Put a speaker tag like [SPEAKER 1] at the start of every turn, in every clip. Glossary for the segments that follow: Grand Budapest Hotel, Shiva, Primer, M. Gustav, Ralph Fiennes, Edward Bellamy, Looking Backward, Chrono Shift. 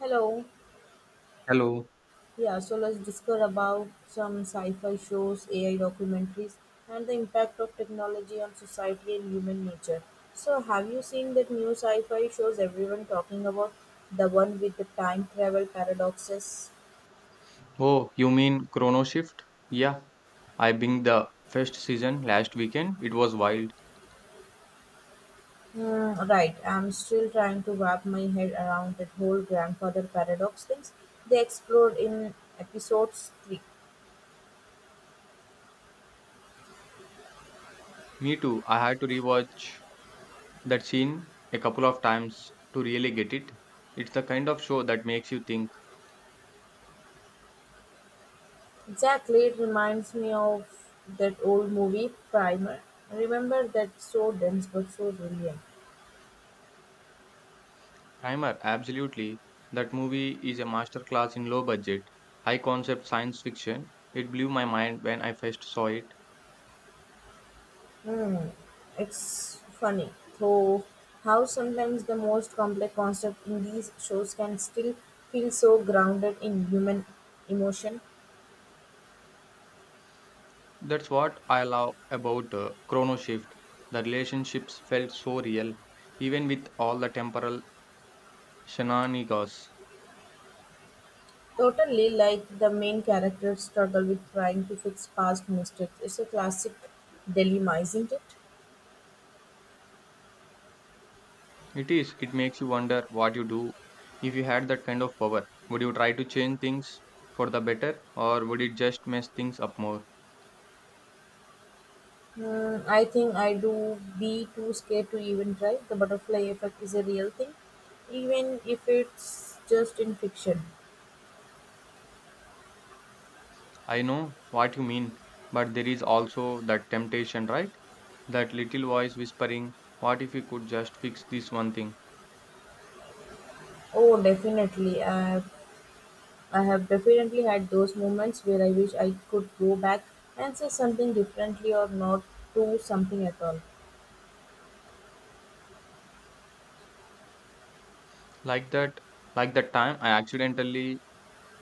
[SPEAKER 1] Hello.
[SPEAKER 2] Hello.
[SPEAKER 1] Yeah, so let's discuss about some sci-fi shows, AI documentaries, and the impact of technology on society and human nature. So, have you seen that new sci-fi shows everyone talking about? The one with the time travel paradoxes?
[SPEAKER 2] Oh, you mean Chrono Shift? Yeah, I binged the first season last weekend. It was wild.
[SPEAKER 1] Hmm, right, I'm still trying to wrap my head around that whole grandfather paradox things they explored in episodes 3.
[SPEAKER 2] Me too. I had to rewatch that scene a couple of times to really get it. It's the kind of show that makes you think.
[SPEAKER 1] Exactly, it reminds me of that old movie, Primer. Remember that so dense but so brilliant.
[SPEAKER 2] Primer, absolutely. That movie is a masterclass in low budget, high concept science fiction. It blew my mind when I first saw it.
[SPEAKER 1] Hmm, it's funny, though, how sometimes the most complex concept in these shows can still feel so grounded in human emotion.
[SPEAKER 2] That's what I love about Chrono Shift. The relationships felt so real, even with all the temporal Shenanigans.
[SPEAKER 1] Totally like the main character's struggle with trying to fix past mistakes. It's a classic dilemma, isn't it?
[SPEAKER 2] It is. It makes you wonder what you do. If you had that kind of power, would you try to change things for the better, or would it just mess things up more?
[SPEAKER 1] Mm, I think I do be too scared to even try. The butterfly effect is a real thing, even if it's just in fiction.
[SPEAKER 2] I know what you mean, but there is also that temptation, right? That little voice whispering, what if you could just fix this one thing?
[SPEAKER 1] Oh, definitely. I have definitely had those moments where I wish I could go back and say something differently or not do something at all.
[SPEAKER 2] Like that, like that time I accidentally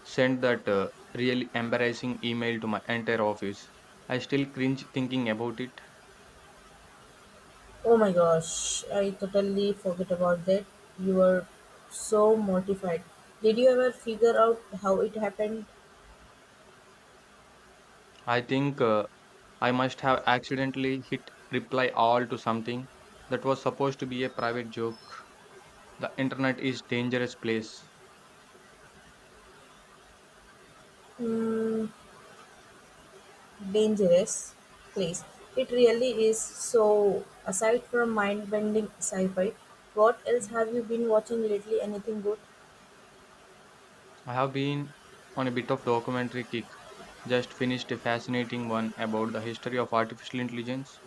[SPEAKER 2] sent that really embarrassing email to my entire office. I still cringe thinking about it.
[SPEAKER 1] Oh my gosh, I totally forget about that. You were so mortified. Did you ever figure out how it happened?
[SPEAKER 2] I think I must have accidentally hit reply all to something that was supposed to be a private joke. The internet is dangerous place.
[SPEAKER 1] Hmm, dangerous place. It really is. So, aside from mind bending sci fi, what else have you been watching lately? Anything good?
[SPEAKER 2] I have been on a bit of documentary kick. Just finished a fascinating one about the history of artificial intelligence.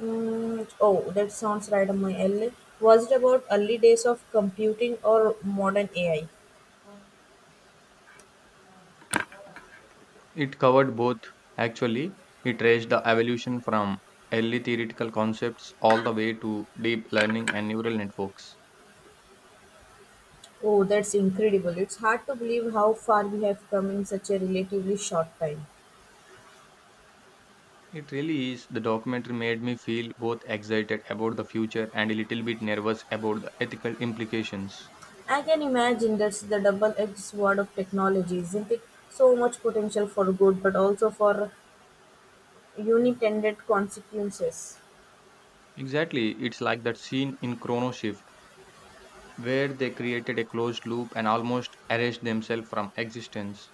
[SPEAKER 1] Mm, oh, that sounds right on my alley. Was it about early days of computing or modern AI?
[SPEAKER 2] It covered both actually. It traced the evolution from early theoretical concepts all the way to deep learning and neural networks.
[SPEAKER 1] Oh, that's incredible. It's hard to believe how far we have come in such a relatively short time.
[SPEAKER 2] It really is. The documentary made me feel both excited about the future and a little bit nervous about the ethical implications.
[SPEAKER 1] I can imagine that's the double edged sword of technology, isn't it? So much potential for good, but also for unintended consequences.
[SPEAKER 2] Exactly, it's like that scene in Chrono Shift where they created a closed loop and almost erased themselves from existence.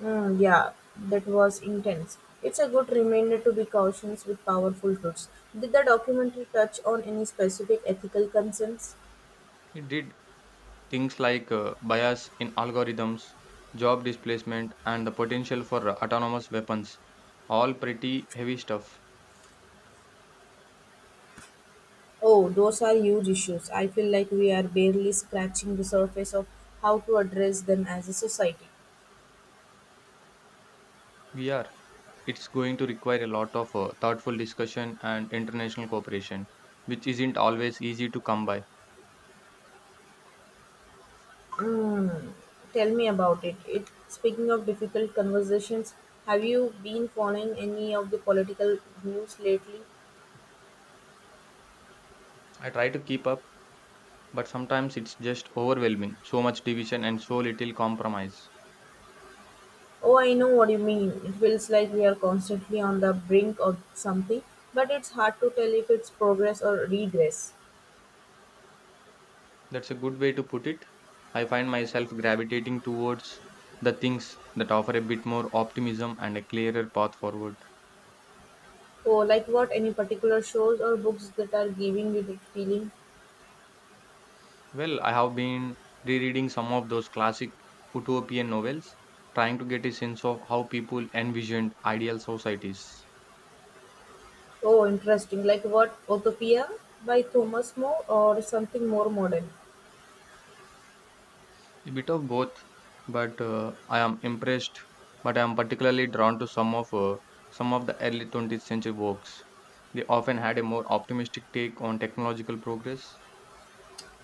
[SPEAKER 1] Mm, yeah, that was intense. It's a good reminder to be cautious with powerful truths. Did the documentary touch on any specific ethical concerns?
[SPEAKER 2] It did things like bias in algorithms, job displacement, and the potential for autonomous weapons. All pretty heavy stuff.
[SPEAKER 1] Oh, those are huge issues. I feel like we are barely scratching the surface of how to address them as a society.
[SPEAKER 2] We are. It's going to require a lot of thoughtful discussion and international cooperation, which isn't always easy to come by.
[SPEAKER 1] Tell me about it. Speaking of difficult conversations, have you been following any of the political news lately?
[SPEAKER 2] I try to keep up, but sometimes it's just overwhelming. So much division and so little compromise.
[SPEAKER 1] Oh, I know what you mean. It feels like we are constantly on the brink of something, but it's hard to tell if it's progress or regress.
[SPEAKER 2] That's a good way to put it. I find myself gravitating towards the things that offer a bit more optimism and a clearer path forward.
[SPEAKER 1] Oh, like what? Any particular shows or books that are giving you that feeling?
[SPEAKER 2] Well, I have been rereading some of those classic utopian novels, trying to get a sense of how people envisioned ideal societies.
[SPEAKER 1] Oh, interesting. Like what? Autopia by Thomas More or something more modern?
[SPEAKER 2] A bit of both, but I am impressed. But I am particularly drawn to some of the early 20th century works. They often had a more optimistic take on technological progress.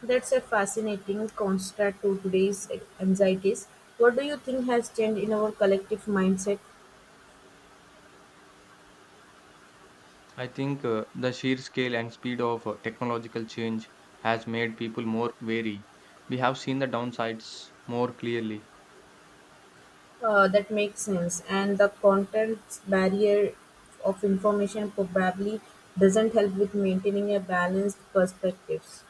[SPEAKER 1] That's a fascinating contrast to today's anxieties. What do you think has changed in our collective mindset?
[SPEAKER 2] I think the sheer scale and speed of technological change has made people more wary. We have seen the downsides more clearly.
[SPEAKER 1] That makes sense. And the content barrier of information probably doesn't help with maintaining a balanced perspectives.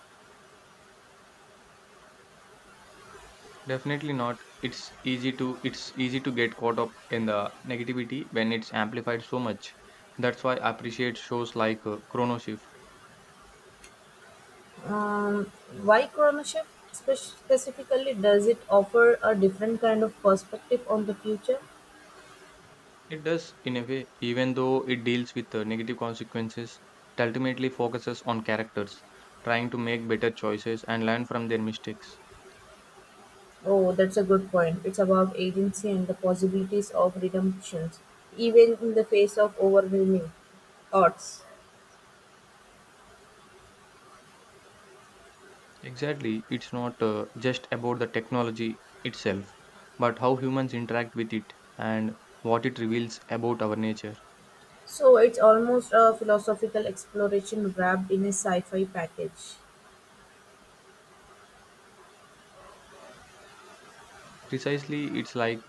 [SPEAKER 2] Definitely not. It's easy to get caught up in the negativity when it's amplified so much. That's why I appreciate shows like Chronoshift.
[SPEAKER 1] Um, why Chronoship specifically does it offer a different kind of perspective on the future?
[SPEAKER 2] It does, in a way. Even though it deals with the negative consequences, it ultimately focuses on characters trying to make better choices and learn from their mistakes.
[SPEAKER 1] Oh, that's a good point. It's about agency and the possibilities of redemptions, even in the face of overwhelming odds.
[SPEAKER 2] Exactly, it's not just about the technology itself, but how humans interact with it and what it reveals about our nature.
[SPEAKER 1] So it's almost a philosophical exploration wrapped in a sci-fi package.
[SPEAKER 2] Precisely, it's like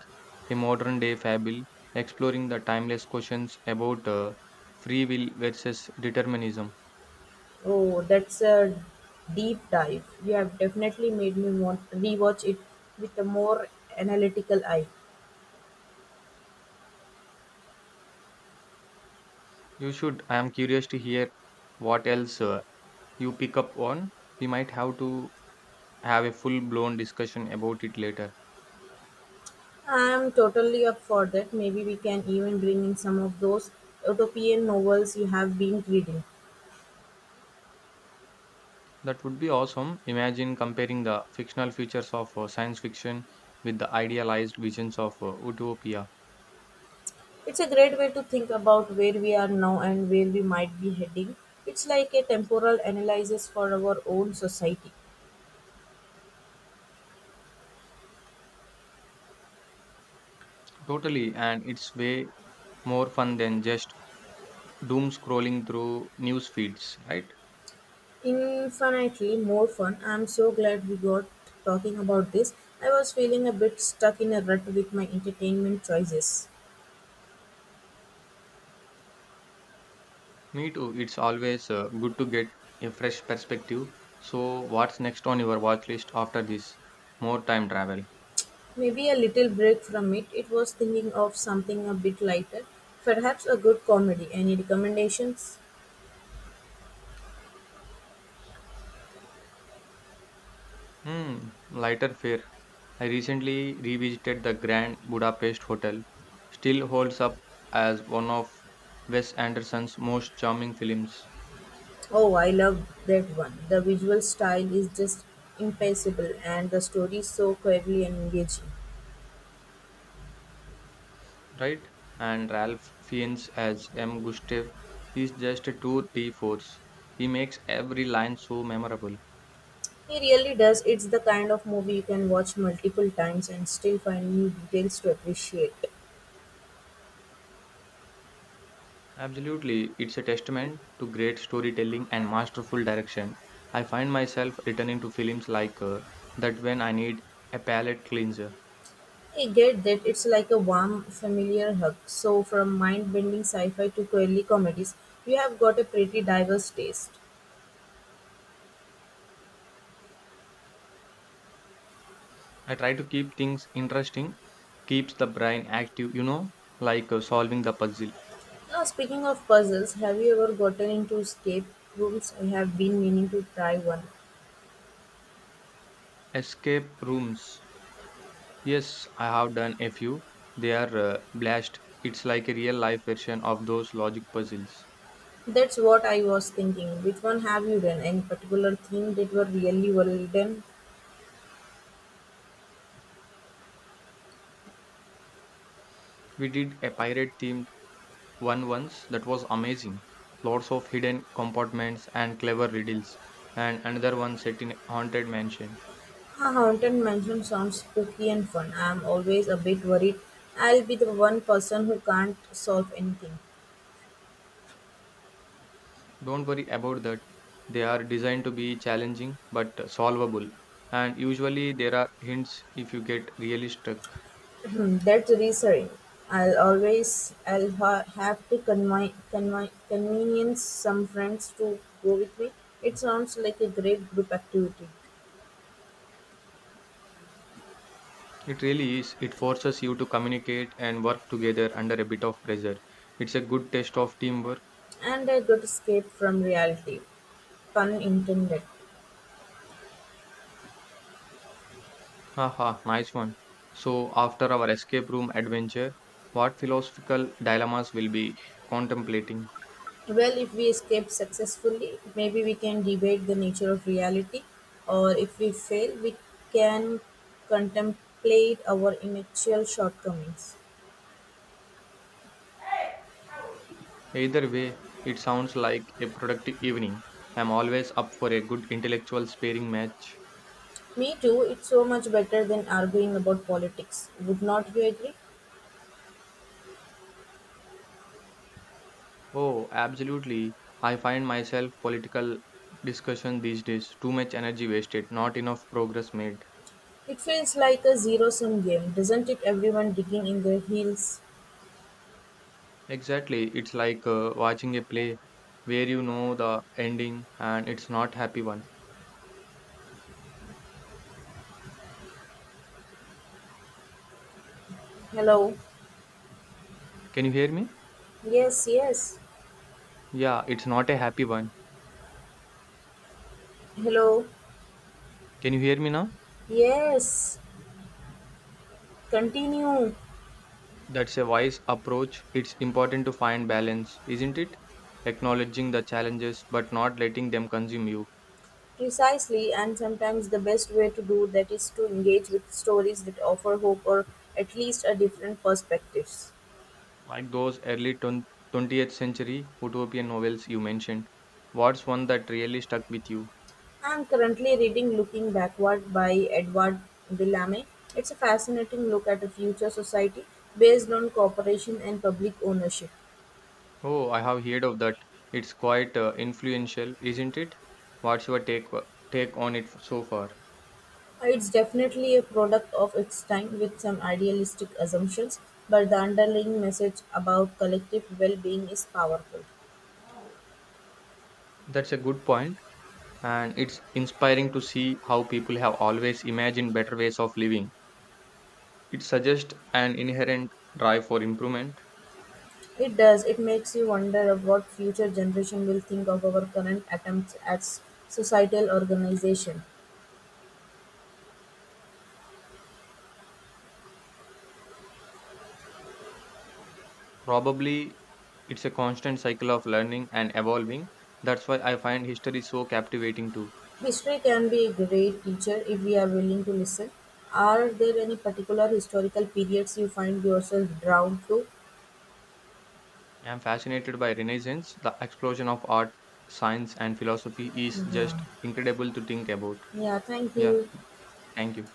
[SPEAKER 2] a modern day fable exploring the timeless questions about free will versus determinism.
[SPEAKER 1] Oh, that's a deep dive. You have definitely made me want rewatch it with a more analytical eye.
[SPEAKER 2] You should. I am curious to hear what else you pick up on. We might have to have a full blown discussion about it later.
[SPEAKER 1] I'm totally up for that. Maybe we can even bring in some of those utopian novels you have been reading.
[SPEAKER 2] That would be awesome. Imagine comparing the fictional features of science fiction with the idealized visions of utopia.
[SPEAKER 1] It's a great way to think about where we are now and where we might be heading. It's like a temporal analysis for our own society.
[SPEAKER 2] Totally, and it's way more fun than just doom scrolling through news feeds, right?
[SPEAKER 1] Infinitely more fun. I'm so glad we got talking about this. I was feeling a bit stuck in a rut with my entertainment choices.
[SPEAKER 2] Me too. It's always good to get a fresh perspective. So, what's next on your watch list after this? More time travel.
[SPEAKER 1] Maybe a little break from it. It was thinking of something a bit lighter, perhaps a good comedy. Any recommendations?
[SPEAKER 2] Hmm, lighter fare. I recently revisited the Grand Budapest Hotel, still holds up as one of Wes Anderson's most charming films,
[SPEAKER 1] Oh, I love that one. The visual style is just impeccable and the story is so cleverly and engaging.
[SPEAKER 2] right? And Ralph Fiennes as M. Gustav is just a tour de force. He makes every line so memorable.
[SPEAKER 1] He really does. It's the kind of movie you can watch multiple times and still find new details to appreciate.
[SPEAKER 2] Absolutely, it's a testament to great storytelling and masterful direction. I find myself returning to films like that when I need a palate cleanser.
[SPEAKER 1] I get that it's like a warm, familiar hug. So, from mind bending sci fi to quirky comedies, you have got a pretty diverse taste.
[SPEAKER 2] I try to keep things interesting, keeps the brain active, you know, like solving the puzzle.
[SPEAKER 1] Now, speaking of puzzles, have you ever gotten into escape rooms? I have been meaning to try one.
[SPEAKER 2] Escape rooms. Yes, I have done a few. They are blast. It's like a real life version of those logic puzzles.
[SPEAKER 1] That's what I was thinking. Which one have you done? Any particular theme that were really well done?
[SPEAKER 2] We did a pirate themed one once that was amazing. Lots of hidden compartments and clever riddles, and another one set in a haunted mansion.
[SPEAKER 1] A haunted mansion sounds spooky and fun. I am always a bit worried. I'll be the one person who can't solve anything.
[SPEAKER 2] Don't worry about that. They are designed to be challenging but solvable. And usually there are hints if you get really stuck.
[SPEAKER 1] Hmm, that's reassuring. I'll always I'll ha- have to convi- convi- convenience some friends to go with me. It sounds like a great group activity,
[SPEAKER 2] It really is. It forces you to communicate and work together under a bit of pressure. It's a good test of teamwork.
[SPEAKER 1] and a good escape from reality. Pun intended.
[SPEAKER 2] Haha, nice one. So, after our escape room adventure, what philosophical dilemmas will be contemplating?
[SPEAKER 1] Well, if we escape successfully, maybe we can debate the nature of reality, or if we fail, we can contemplate our intellectual shortcomings.
[SPEAKER 2] Either way, it sounds like a productive evening. I'm always up for a good intellectual sparring match.
[SPEAKER 1] Me too, it's so much better than arguing about politics. Would not you agree?
[SPEAKER 2] Oh, absolutely. I find myself political discussion these days. Too much energy wasted, not enough progress made.
[SPEAKER 1] It feels like a zero-sum game, doesn't it? Everyone digging in their heels.
[SPEAKER 2] Exactly. It's like watching a play where you know the ending and it's not happy one.
[SPEAKER 1] Hello.
[SPEAKER 2] Can you hear me?
[SPEAKER 1] Yes, yes.
[SPEAKER 2] Yeah, it's not a happy one.
[SPEAKER 1] Hello.
[SPEAKER 2] Can you hear me now?
[SPEAKER 1] Yes. Continue.
[SPEAKER 2] That's a wise approach. It's important to find balance, isn't it? Acknowledging the challenges but not letting them consume you.
[SPEAKER 1] Precisely, and sometimes the best way to do that is to engage with stories that offer hope or at least a different perspectives.
[SPEAKER 2] Like those early 20th century utopian novels you mentioned, what's one that really stuck with you?
[SPEAKER 1] I'm currently reading Looking Backward by Edward Bellamy. It's a fascinating look at a future society based on cooperation and public ownership.
[SPEAKER 2] Oh, I have heard of that. It's quite influential, isn't it? What's your take on it so far?
[SPEAKER 1] It's definitely a product of its time, with some idealistic assumptions, but the underlying message about collective well-being is powerful.
[SPEAKER 2] That's a good point, and it's inspiring to see how people have always imagined better ways of living. It suggests an inherent drive for improvement.
[SPEAKER 1] It does. It makes you wonder of what future generation will think of our current attempts at societal organization.
[SPEAKER 2] Probably it's a constant cycle of learning and evolving. That's why I find history so captivating too.
[SPEAKER 1] History can be a great teacher if we are willing to listen. Are there any particular historical periods you find yourself drawn to?
[SPEAKER 2] I am fascinated by Renaissance. The explosion of art, science, and philosophy is
[SPEAKER 1] Yeah.
[SPEAKER 2] just incredible to think about.
[SPEAKER 1] Yeah, thank
[SPEAKER 2] Yeah,
[SPEAKER 1] you.
[SPEAKER 2] thank you.